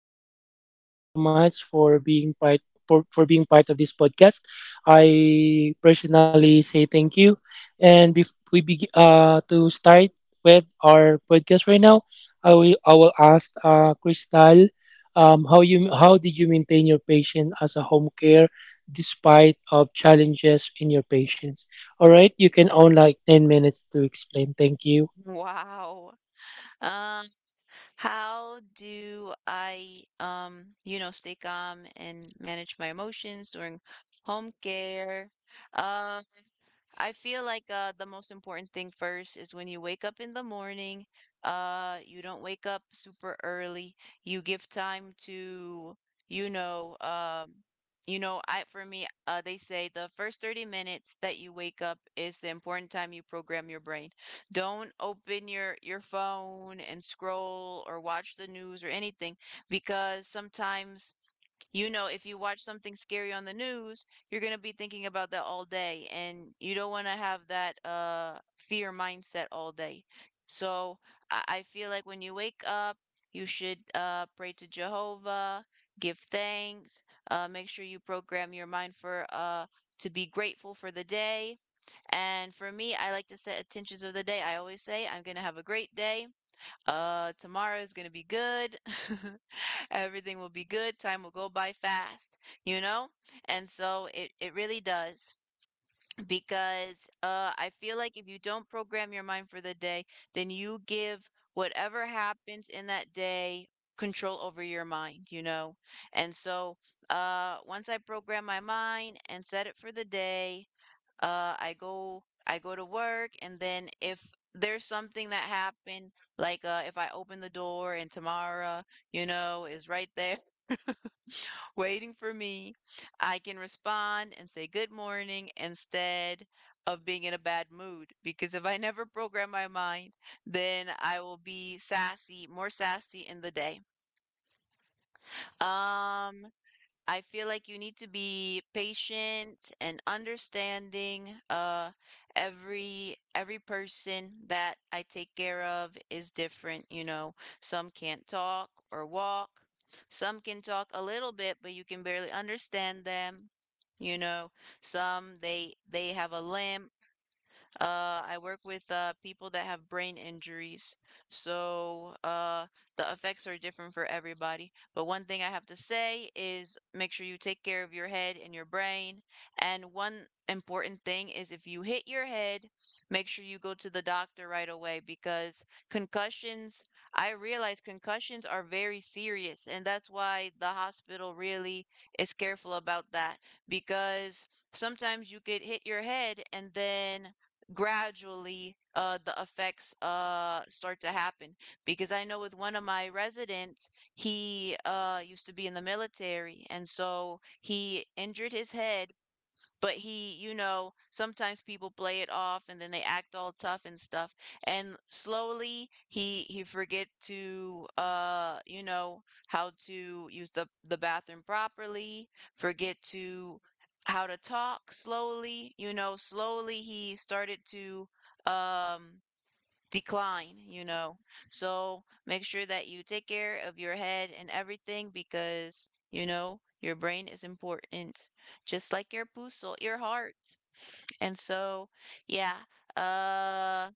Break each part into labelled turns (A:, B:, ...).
A: guys. So thank you so much for being part for being part of this podcast. I personally say thank you. And to start with our podcast right now, I will ask Crystal, how you how did you maintain your patient as a home care despite of challenges in your patients? All right, you can own like 10 minutes to explain. Thank you.
B: Wow. Um, how do I, stay calm and manage my emotions during home care? Um, I feel like the most important thing first is when you wake up in the morning, you don't wake up super early. You give time to, you know, um, you know, I for me, they say the first 30 minutes that you wake up is the important time you program your brain. Don't open your phone and scroll or watch the news or anything because sometimes you know, if you watch something scary on the news, you're going to be thinking about that all day, and you don't want to have that fear mindset all day. So I feel like when you wake up, you should pray to Jehovah, give thanks, make sure you program your mind for to be grateful for the day. And for me, I like to set intentions of the day. I always say, I'm going to have a great day tomorrow is going to be good. Everything will be good. Time will go by fast, you know? And so it really does because I feel like if you don't program your mind for the day, then you give whatever happens in that day control over your mind, you know? And so once I program my mind and set it for the day, I go to work and then if there's something that happened like if I open the door and Tamara, you know, is right there waiting for me, I can respond and say good morning instead of being in a bad mood because if I never program my mind, then I will be sassy, more sassy in the day. Um I feel like you need to be patient and understanding. Every person that I take care of is different. You know, some can't talk or walk. Some can talk a little bit, but you can barely understand them. You know, some they have a limp I work with people that have brain injuries, so the effects are different for everybody. But one thing I have to say is make sure you take care of your head and your brain. And one important thing is if you hit your head, make sure you go to the doctor right away because concussions, I realize concussions are very serious, and that's why the hospital really is careful about that because sometimes you could hit your head and then gradually the effects start to happen because I know with one of my residents he used to be in the military and so he injured his head but he you know sometimes people play it off and then they act all tough and stuff and slowly he forget to how to use the bathroom properly, forget to how to talk slowly, you know, slowly he started to um decline, you know. So make sure that you take care of your head and everything because, you know, your brain is important, just like your puso, your heart. And so, yeah. Uh,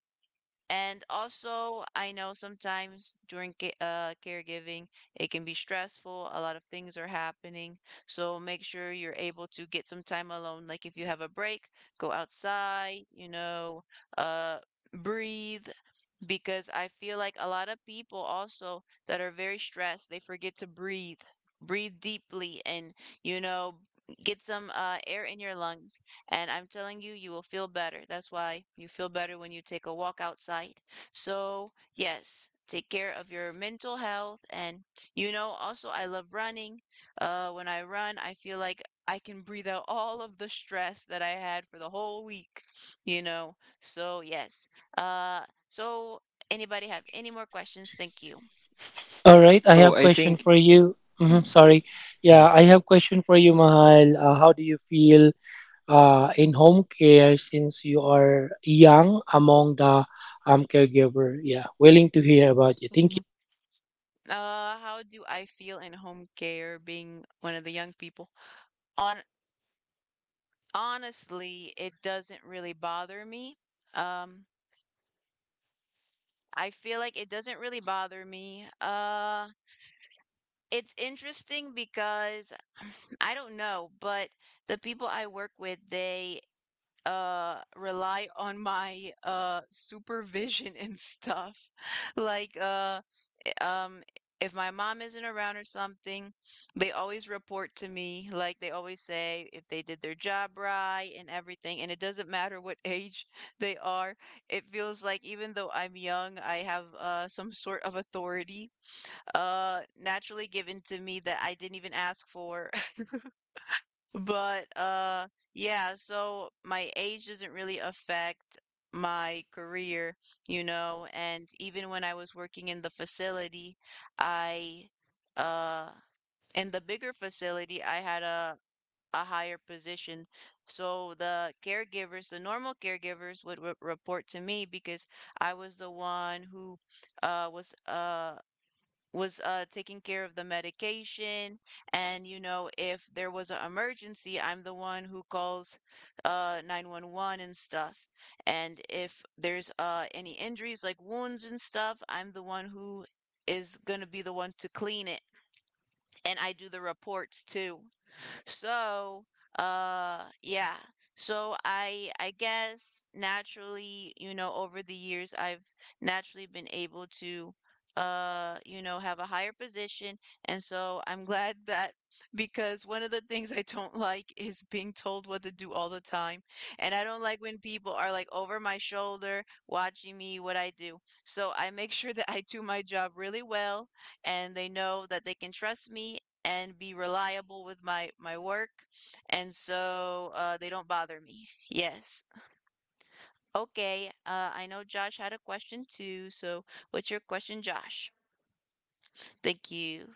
B: and also, I know sometimes during caregiving, it can be stressful. A lot of things are happening. So make sure you're able to get some time alone. Like if you have a break, go outside, you know, uh, breathe because I feel like a lot of people also that are very stressed, they forget to breathe, breathe deeply, and you know, get some air in your lungs. And I'm telling you, you will feel better. That's why you feel better when you take a walk outside. So, yes. Take care of your mental health, and you know, also, I love running. When I run, I feel like I can breathe out all of the stress that I had for the whole week, you know. So, yes, uh, so, anybody have any more questions? Thank you.
A: All right, I have
C: Oh, I
A: question for
C: think.
A: you. Mhm,
C: Mm,
A: sorry. Yeah,
C: mm.
A: I have question for you, Mahal. How do you feel in home care since you are young among the caregiver? Yeah, willing to hear about you. Thank
B: Mhm. How do I feel in home care being one of the young people? On honestly, it doesn't really bother me. Um, I feel like it doesn't really bother me. It's interesting because I don't know, but the people I work with, they rely on my supervision and stuff. Like um, if my mom isn't around or something, they always report to me. Like they always say if they did their job right and everything. And it doesn't matter what age they are. It feels like even though I'm young, I have some sort of authority naturally given to me that I didn't even ask for, but, yeah, so my age doesn't really affect my career, you know, and even when I was working in the facility, I, uh, in the bigger facility, I had a higher position. So the caregivers, the normal caregivers would re report to me because I was the one who uh was uh was taking care of the medication and you know if there was an emergency I'm the one who calls 911 and stuff, and if there's any injuries like wounds and stuff I'm the one who is going to be the one to clean it, and I do the reports too, so, yeah. So I guess naturally, you know, over the years I've naturally been able to have a higher position. And so I'm glad that because one of the things I don't like is being told what to do all the time. And I don't like when people are like over my shoulder watching me what I do. So I make sure that I do my job really well and they know that they can trust me and be reliable with my work, and so they don't bother me. Yes. Okay, I know Josh had a question too, so what's your question, Josh? Thank you.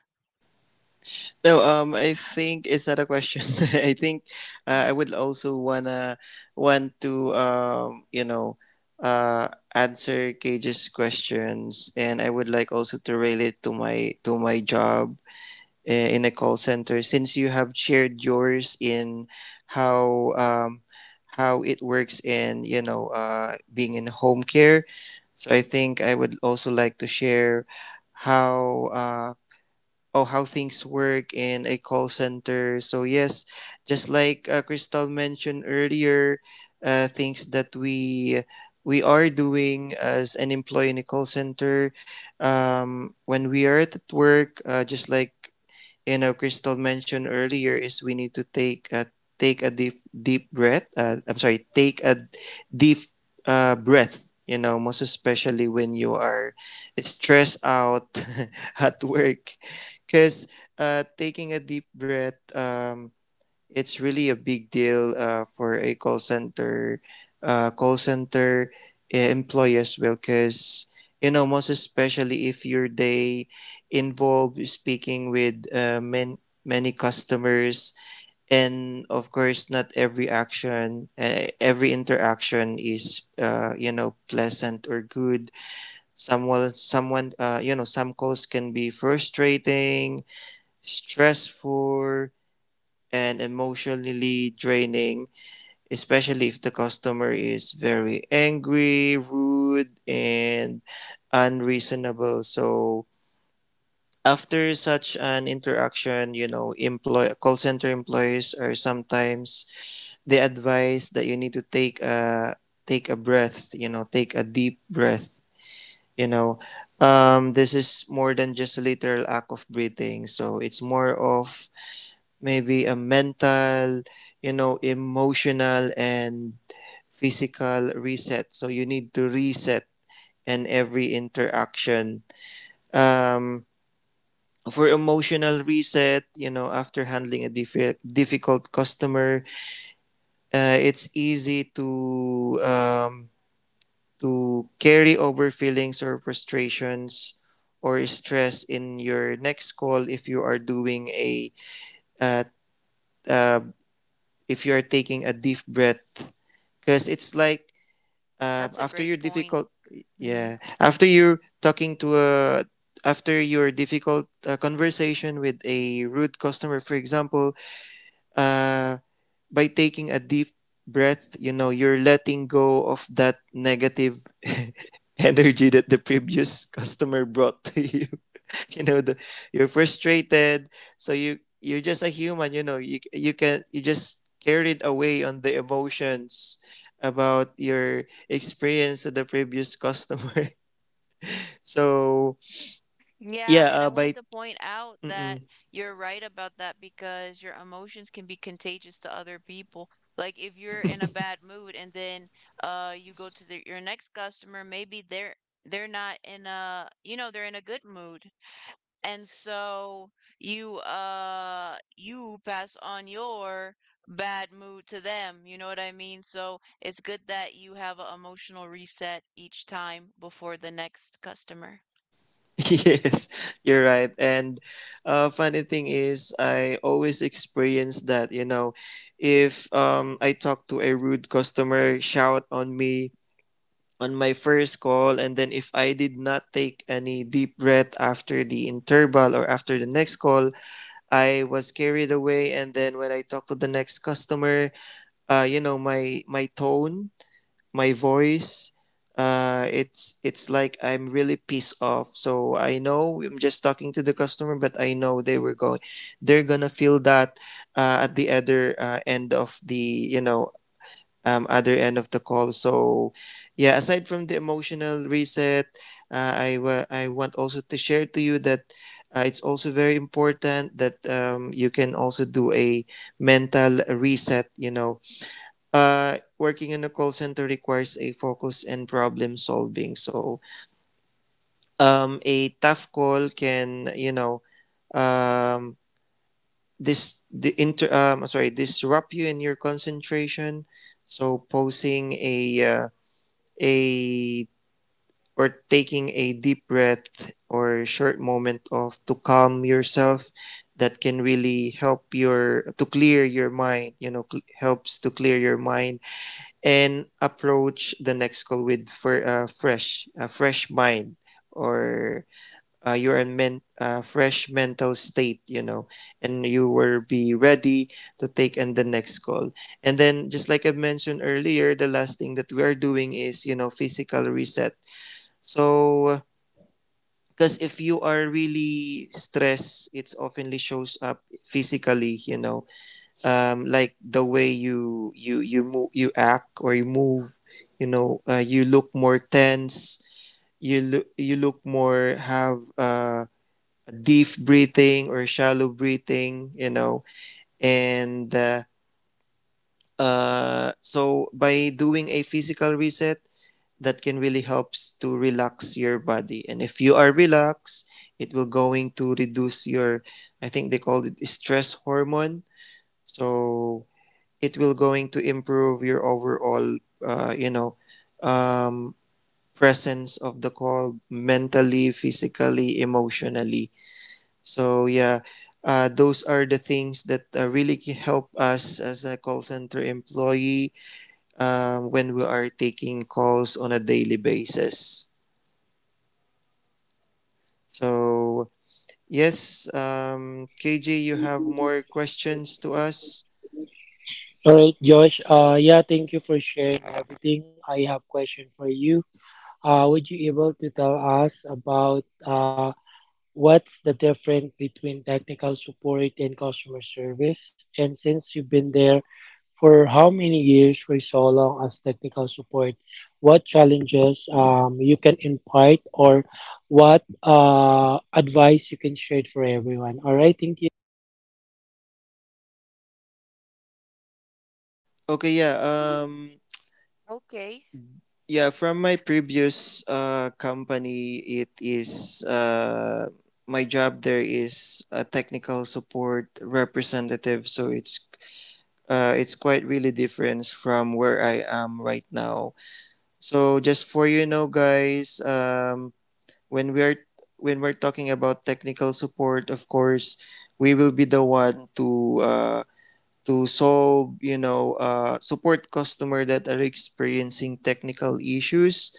C: No, I think it's not a question. I think I would also wanna want to you know, uh, answer Cage's questions, and I would like also to relate to my job in a call center since you have shared yours in how um how it works in being in home care. So I think I would also like to share how oh how things work in a call center. So yes, just like Crystal mentioned earlier, things that we are doing as an employee in a call center, when we are at work, just like, you know, Crystal mentioned earlier, is we need to take a deep breath. I'm sorry, take a deep breath, you know, most especially when you are stressed out at work. Because taking a deep breath, it's really a big deal for a call center employee as well. Because you know, most especially if your day involve speaking with many customers, and of course not every action every interaction is, you know, pleasant or good. Someone, you know, some calls can be frustrating, stressful, and emotionally draining, especially if the customer is very angry, rude, and unreasonable. So after such an interaction, you know, employ call center employees are sometimes, they advise that you need to take a breath, you know, take a deep breath, you know. This is more than just a literal act of breathing. So it's more of maybe a mental, you know, emotional and physical reset. So you need to reset in every interaction. Um, for emotional reset, you know, after handling a difficult customer, it's easy to carry over feelings or frustrations or stress in your next call. If you are doing a uh, uh, if you are taking a deep breath, because it's like
B: That's a
C: after your
B: great point.
C: difficult
B: Mm.
C: yeah, after you're talking to a, after your difficult conversation with a rude customer, for example, uh, by taking a deep breath, you know, you're letting go of that negative energy that the previous customer brought to you. You know, you're frustrated. So you're just a human, you know, you just carried away on the emotions about your experience with the previous customer. So
B: Yeah,
C: yeah,
B: and I
C: by
B: wanted to point out that
C: mm-mm.
B: you're right about that because your emotions can be contagious to other people. Like if you're in a bad mood and then you go to your next customer, maybe they're not in a, you know, they're in a good mood. And so you pass on your bad mood to them, you know what I mean? So it's good that you have an emotional reset each time before the next customer.
C: Yes, you're right. And funny thing is, I always experience that, you know. If I talk to a rude customer, shout on me on my first call, and then if I did not take any deep breath after the interval or after the next call, I was carried away. And then when I talked to the next customer, you know, my tone, my voice, it's like I'm really pissed off. So I know I'm just talking to the customer, but I know they were going they're gonna feel that at the other end of the, you know, other end of the call. So yeah, aside from the emotional reset, I want also to share to you that it's also very important that you can also do a mental reset. You know, working in a call center requires a focus and problem solving. So a tough call can, you know. Um, this the inter Sorry, disrupt you in your concentration. So posing a uh, a or taking a deep breath or short moment of to calm yourself, that can really help your to clear your mind. You know, helps to clear your mind and approach the next call with, for a fresh mind, or fresh mental state, you know. And you will be ready to take in the next call. And then just like I mentioned earlier, the last thing that we are doing is, you know, physical reset. So because if you are really stressed, it's oftenly shows up physically. You know, like the way you, move, you act or you move. You know, you look more tense. You look, you look more have deep breathing or shallow breathing. You know, and so by doing a physical reset, that can really helps to relax your body. And if you are relaxed, it will going to reduce your, I think they call it stress hormone. So it will going to improve your overall you know, um, presence of the call, mentally, physically, emotionally. So yeah, those are the things that really help us as a call center employee, when we are taking calls on a daily basis. So yes, KJ, you have more
A: you.
C: questions to us?
A: All right, Josh. Yeah, thank you for sharing everything. I have question for you. Would you able to tell us about what's the difference between technical support and customer service? And since you've been there, for how many years, for so long as technical support, what challenges you can impart or what advice you can share for everyone. All right, thank you.
C: Okay, yeah,
B: Okay.
C: yeah, from my previous company, it is my job there is a technical support representative. So it's quite really different from where I am right now. So just for you know, guys, when we're when we're talking about technical support, of course we will be the one to solve, you know, support customer that are experiencing technical issues.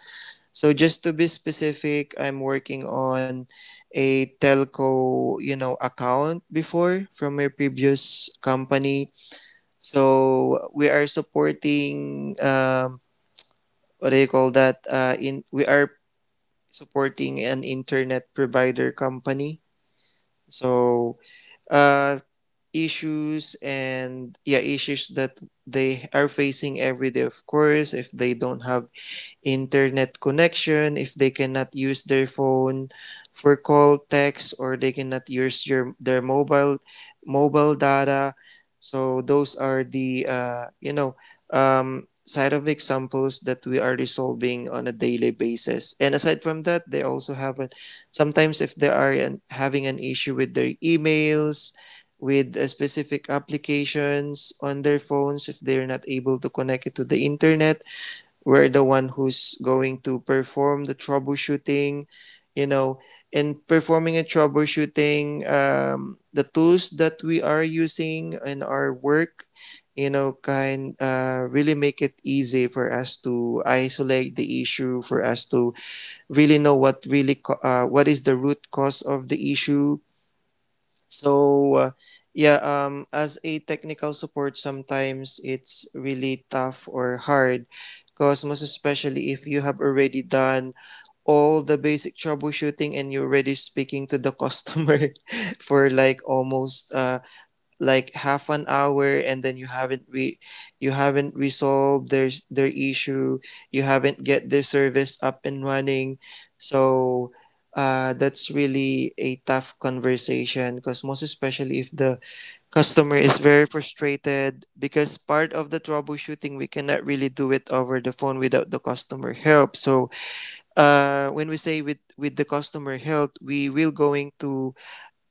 C: So just to be specific, I'm working on a telco, you know, account before from my previous company. So we are supporting, what do you call that in we are supporting an internet provider company. So uh, issues and yeah, issues that they are facing every day. Of course, if they don't have internet connection, if they cannot use their phone for call, text, or they cannot use your their mobile data. So those are the you know, side of examples that we are resolving on a daily basis. And aside from that, they also have a, sometimes if they are an, having an issue with their emails, with specific applications on their phones, if they're not able to connect it to the internet, we're the one who's going to perform the troubleshooting, you know. In performing a troubleshooting, the tools that we are using in our work, you know, can really make it easy for us to isolate the issue, for us to really know what what is the root cause of the issue. So yeah, as a technical support, sometimes it's really tough or hard, because most especially if you have already done all the basic troubleshooting and you're already speaking to the customer for like almost like half an hour, and then you haven't re- you haven't resolved their issue, you haven't get their service up and running. So that's really a tough conversation, because most especially if the customer is very frustrated. Because part of the troubleshooting, we cannot really do it over the phone without the customer help. So when we say with the customer help, we will going to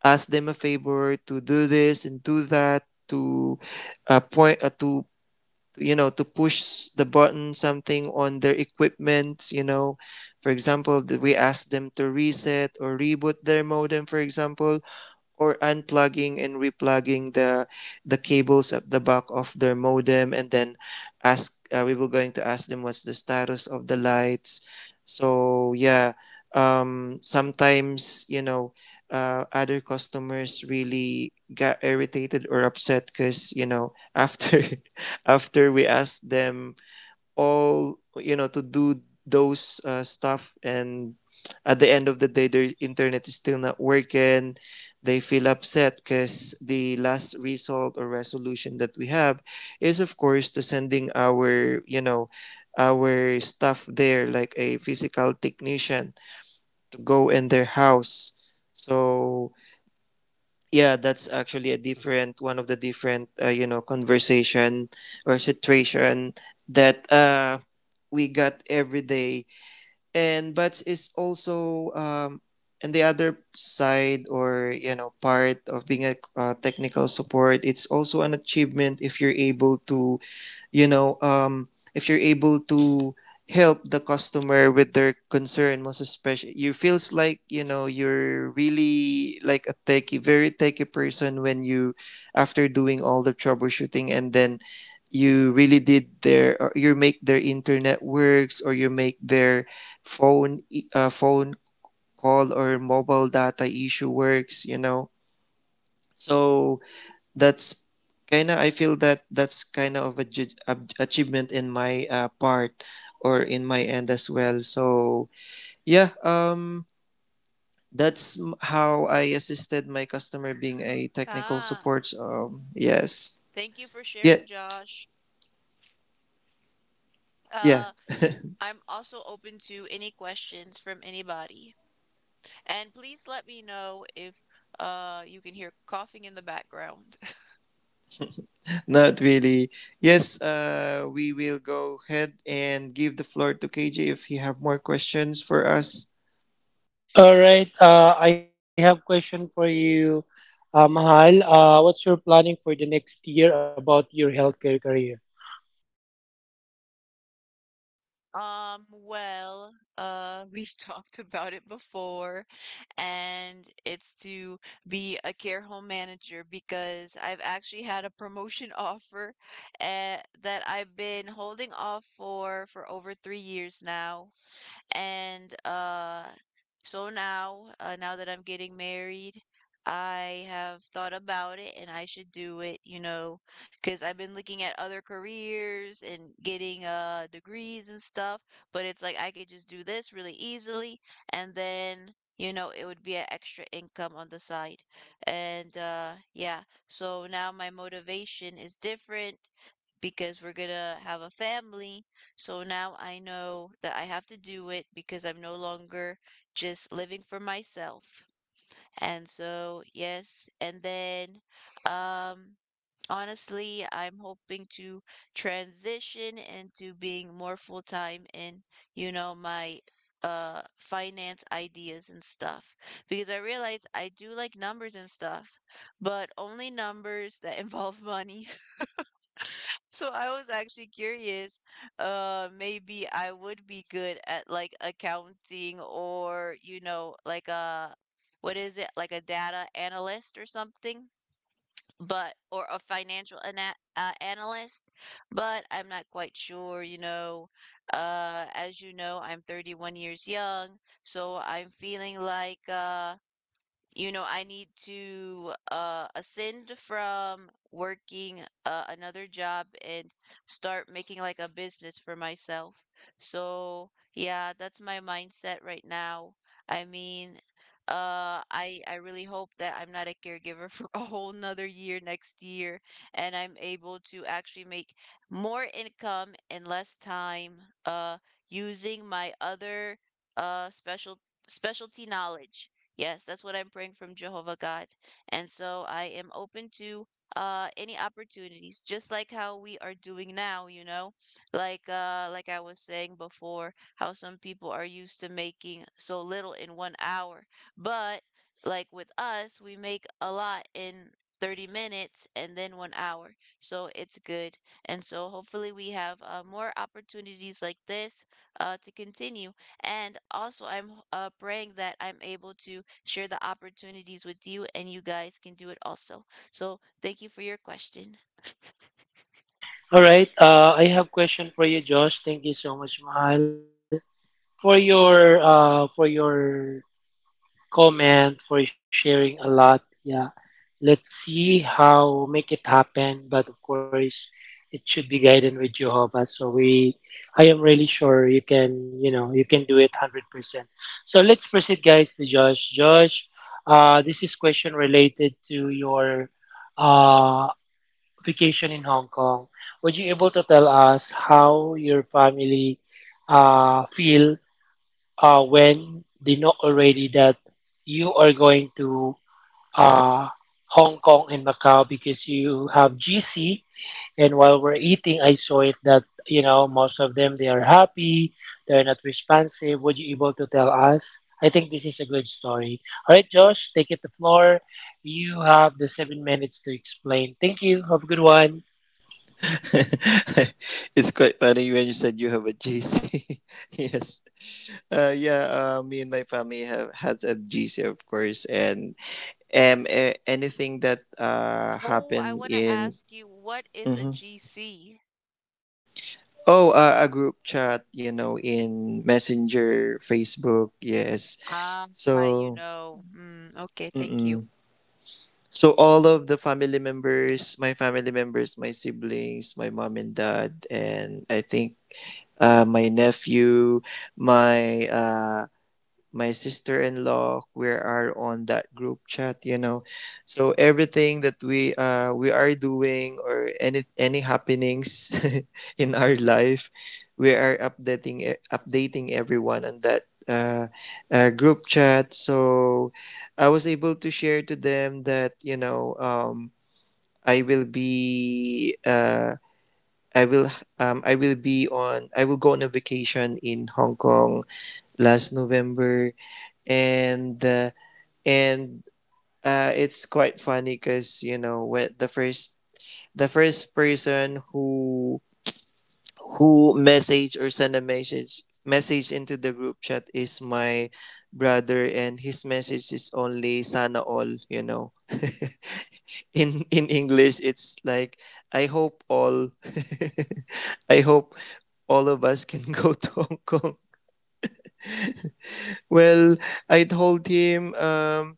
C: ask them a favor to do this and do that, to point to, you know, to push the button something on their equipment, you know. For example, we ask them to reset or reboot their modem, for example, or unplugging and replugging the cables at the back of their modem, and then ask we were going to ask them what's the status of the lights. So yeah, sometimes, you know, other customers really got irritated or upset, because you know, after after we asked them all, you know, to do those stuff, and at the end of the day their internet is still not working, they feel upset. Because the last result or resolution that we have is of course to sending our, you know, our staff there like a physical technician to go in their house. So yeah, that's actually a different, one of the different you know, conversation or situation that we got every day. And but is also and the other side, or you know, part of being a technical support, it's also an achievement if you're able to, you know, if you're able to help the customer with their concern. Most especially you feels like, you know, you're really like a techie, very techie person, when you, after doing all the troubleshooting, and then you really did their, or you make their internet works, or you make their phone call or mobile data issue works, you know. So that's, kind of I feel that that's kind of a achievement in my part, or in my end as well. So yeah, that's how I assisted my customer being a technical
B: Ah,
C: support, yes.
B: thank you for
C: Yeah,
B: sharing, Josh.
C: yeah.
B: Uh, I'm also open to any questions from anybody. And please let me know if you can hear coughing in the background.
C: Not really. Yes, we will go ahead and give the floor to KJ if you have more questions for us.
A: All right, I have question for you, Mahal. What's your planning for the next year about your healthcare career?
B: Well, we've talked about it before, and it's to be a care home manager because I've actually had a promotion offer uh, that I've been holding off for over 3 years now. And so now, now that I'm getting married, I have thought about it and I should do it, you know, because I've been looking at other careers and getting degrees and stuff, but it's like I could just do this really easily and then, you know, it would be an extra income on the side. And yeah, so now my motivation is different because we're gonna have a family, so now I know that I have to do it because I'm no longer just living for myself. And so, yes. And then, um, honestly, I'm hoping to transition into being more full time in, you know, my finance ideas and stuff because I realize I do like numbers and stuff, but only numbers that involve money. So I was actually curious, maybe I would be good at like accounting or, you know, like a, what is it? Like a data analyst or something, but, or a financial analyst, but I'm not quite sure, you know. As you know, I'm 31 years young, so I'm feeling like, you know, I need to ascend from working another job and start making like a business for myself. So, yeah, that's my mindset right now. I mean, I really hope that I'm not a caregiver for a whole nother year next year, and I'm able to actually make more income in less time, uh, using my other uh special specialty knowledge. Yes, that's what I'm praying from Jehovah God. And so I am open to any opportunities, just like how we are doing now, you know? Like I was saying before, how some people are used to making so little in one hour. But like with us, we make a lot in 30 minutes and then one hour. So it's good. And so hopefully we have more opportunities like this to continue. And also, I'm praying that I'm able to share the opportunities with you and you guys can do it also. So, thank you for your question.
A: All right, I have question for you, Josh. Thank you so much, Mahal. For your comment, for sharing a lot. Yeah, let's see how make it happen. But of course, it should be guided with Jehovah. So we, I am really sure you can, you know, you can do it 100%. So let's proceed, guys, to Josh. Josh, this is question related to your uh, vacation in Hong Kong. Would you able to tell us how your family feel when they know already that you are going to uh, Hong Kong and Macau because you have GC. And while we're eating, I saw it that you know most of them they are happy, they're not responsive. Would you able to tell us? I think this is a good story. All right, Josh, take it the floor. You have the 7 minutes to explain. Thank you. Have a good one.
C: It's quite funny when you said you have a GC. Yes. Yeah, me and my family have had a GC, of course, and anything that
B: Oh, I
C: happened
B: want to
C: in.
B: ask you, what is a
C: Mhm.
B: GC?
C: Oh, a group chat, you know, in Messenger, Facebook, yes.
B: Ah, you
C: So,
B: know. Mm, okay, thank you.
C: mm-mm. So all of the family members, my siblings, my mom and dad, and I think my nephew, my uh, my sister-in-law. We are on that group chat. So everything that we are doing or any happenings in our life, we are updating updating everyone on that group chat. So I was able to share to them that. I will be uh, I will I will go on a vacation in Hong Kong last November. And uh, and uh, it's quite funny because when the first person who message or send a message into the group chat is my brother, and his message is only sana all in English. It's like I hope all I hope all of us can go to Hong Kong. Well, I told him, um,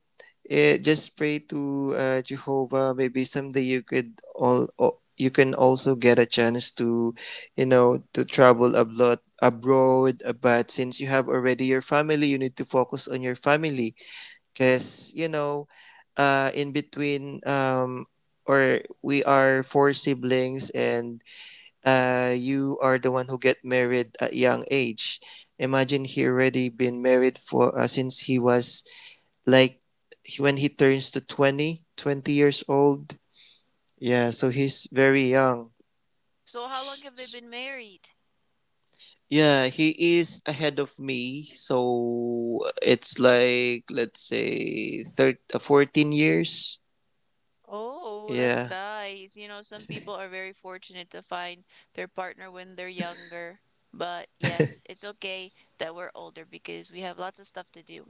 C: eh, just pray to Jehovah. Maybe someday you could all you can also get a chance to travel abroad. Abroad. But since you have already your family, you need to focus on your family, because in between, or we are four siblings, and you are the one who get married at young age. Imagine he already been married for since he was like when he turns to twenty years old. Yeah, so he's very young.
B: So, how long have they
C: S-
B: been married?
C: Yeah, he is ahead of me. So it's like let's say 14 years.
B: Oh, that's
C: Yeah.
B: nice. You know, some people are very fortunate to find their partner when they're younger. But yes, it's okay that we're older because we have lots of stuff to do.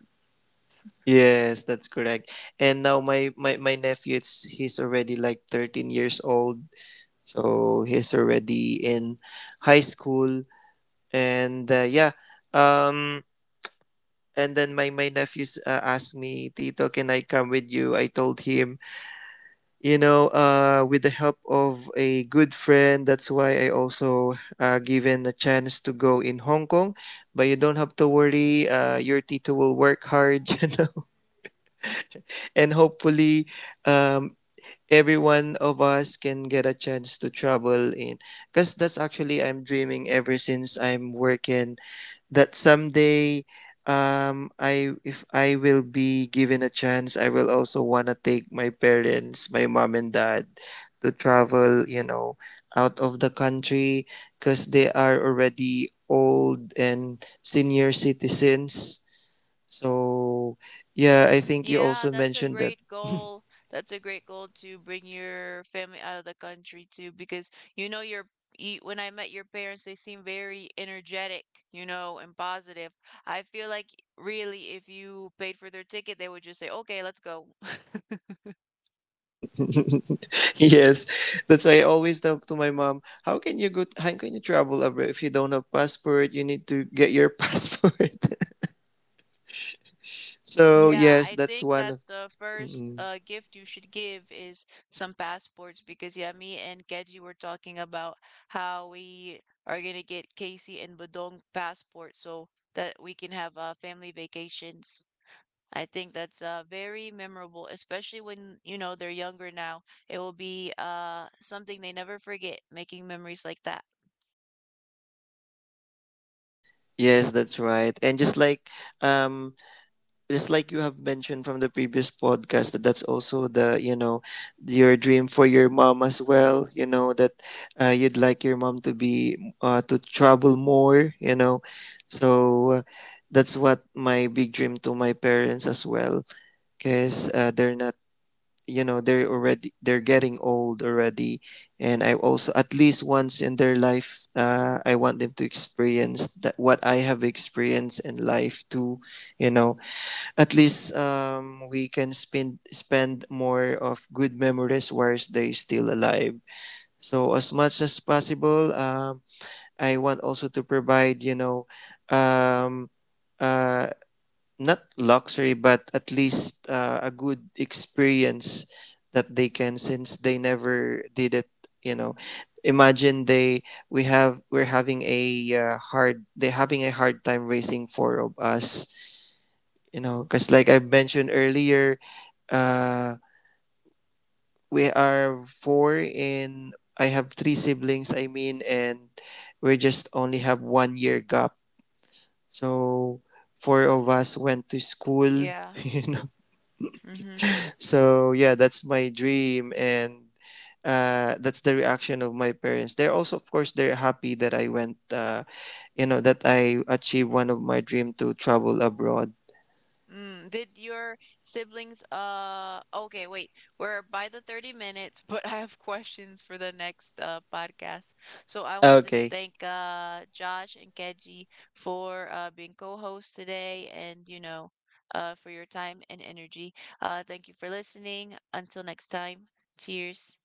C: Yes, that's correct. And now my nephew it's he's already like 13 years old. So he's already in high school, and yeah, um, and then my nephews asked me, Tito, can I come with you? I told him, with the help of a good friend, that's why I also given a chance to go in Hong Kong. But you don't have to worry. Your Tito will work hard, and hopefully, um, every one of us can get a chance to travel in, because that's actually I'm dreaming ever since I'm working, that someday, I if I will be given a chance, I will also want to take my parents, my mom and dad, to travel, out of the country, because they are already old and senior citizens. So yeah, I think you
B: Yeah,
C: also
B: that's a
C: mentioned that.
B: great goal. That's a great goal to bring your family out of the country too, because you know your when I met your parents, they seem very energetic, you know, and positive. I feel like really if you paid for their ticket, they would just say, "Okay, let's go."
C: Yes, that's why I always tell to my mom, how can you go? How can you travel abroad if you don't have passport? You need to get your passport. So
B: Yeah,
C: yes,
B: I
C: that's
B: think
C: one.
B: that's the
C: Mm,
B: first
C: mm.
B: gift you should give is some passports because yeah, me and Keji were talking about how we are gonna get Casey and Budong passports so that we can have family vacations. I think that's very memorable, especially when you know they're younger now. It will be something they never forget, making memories like that.
C: Yes, that's right. And um, just like you have mentioned from the previous podcast, that that's also the you know your dream for your mom as well. You know that you'd like your mom to be to travel more. You know, so that's what my big dream to my parents as well, because they're not they're getting old already. And I also, at least once in their life, I want them to experience that what I have experienced in life too. You know, at least, we can spend more of good memories whilst they're still alive. So as much as possible, I want also to provide, um, uh, not luxury, but at least a good experience that they can, since they never did it. You know, imagine they we have we're having a hard they're having a hard time raising four of us. You know, because like I mentioned earlier, uh, we are four in. I have three siblings. I mean, and we just only have 1 year gap. So four of us went to school.
B: Yeah. Mm-hmm.
C: So yeah, that's my dream, and that's the reaction of my parents. They're also, of course, they're happy that I went. You know that I achieved one of my dream to travel abroad.
B: Mm, did your siblings, okay, wait, we're by the 30 minutes, but I have questions for the next podcast. So I wanted to
C: Okay.
B: thank Josh and Keji for being co-hosts today and you know, for your time and energy. Thank you for listening. Until next time, cheers.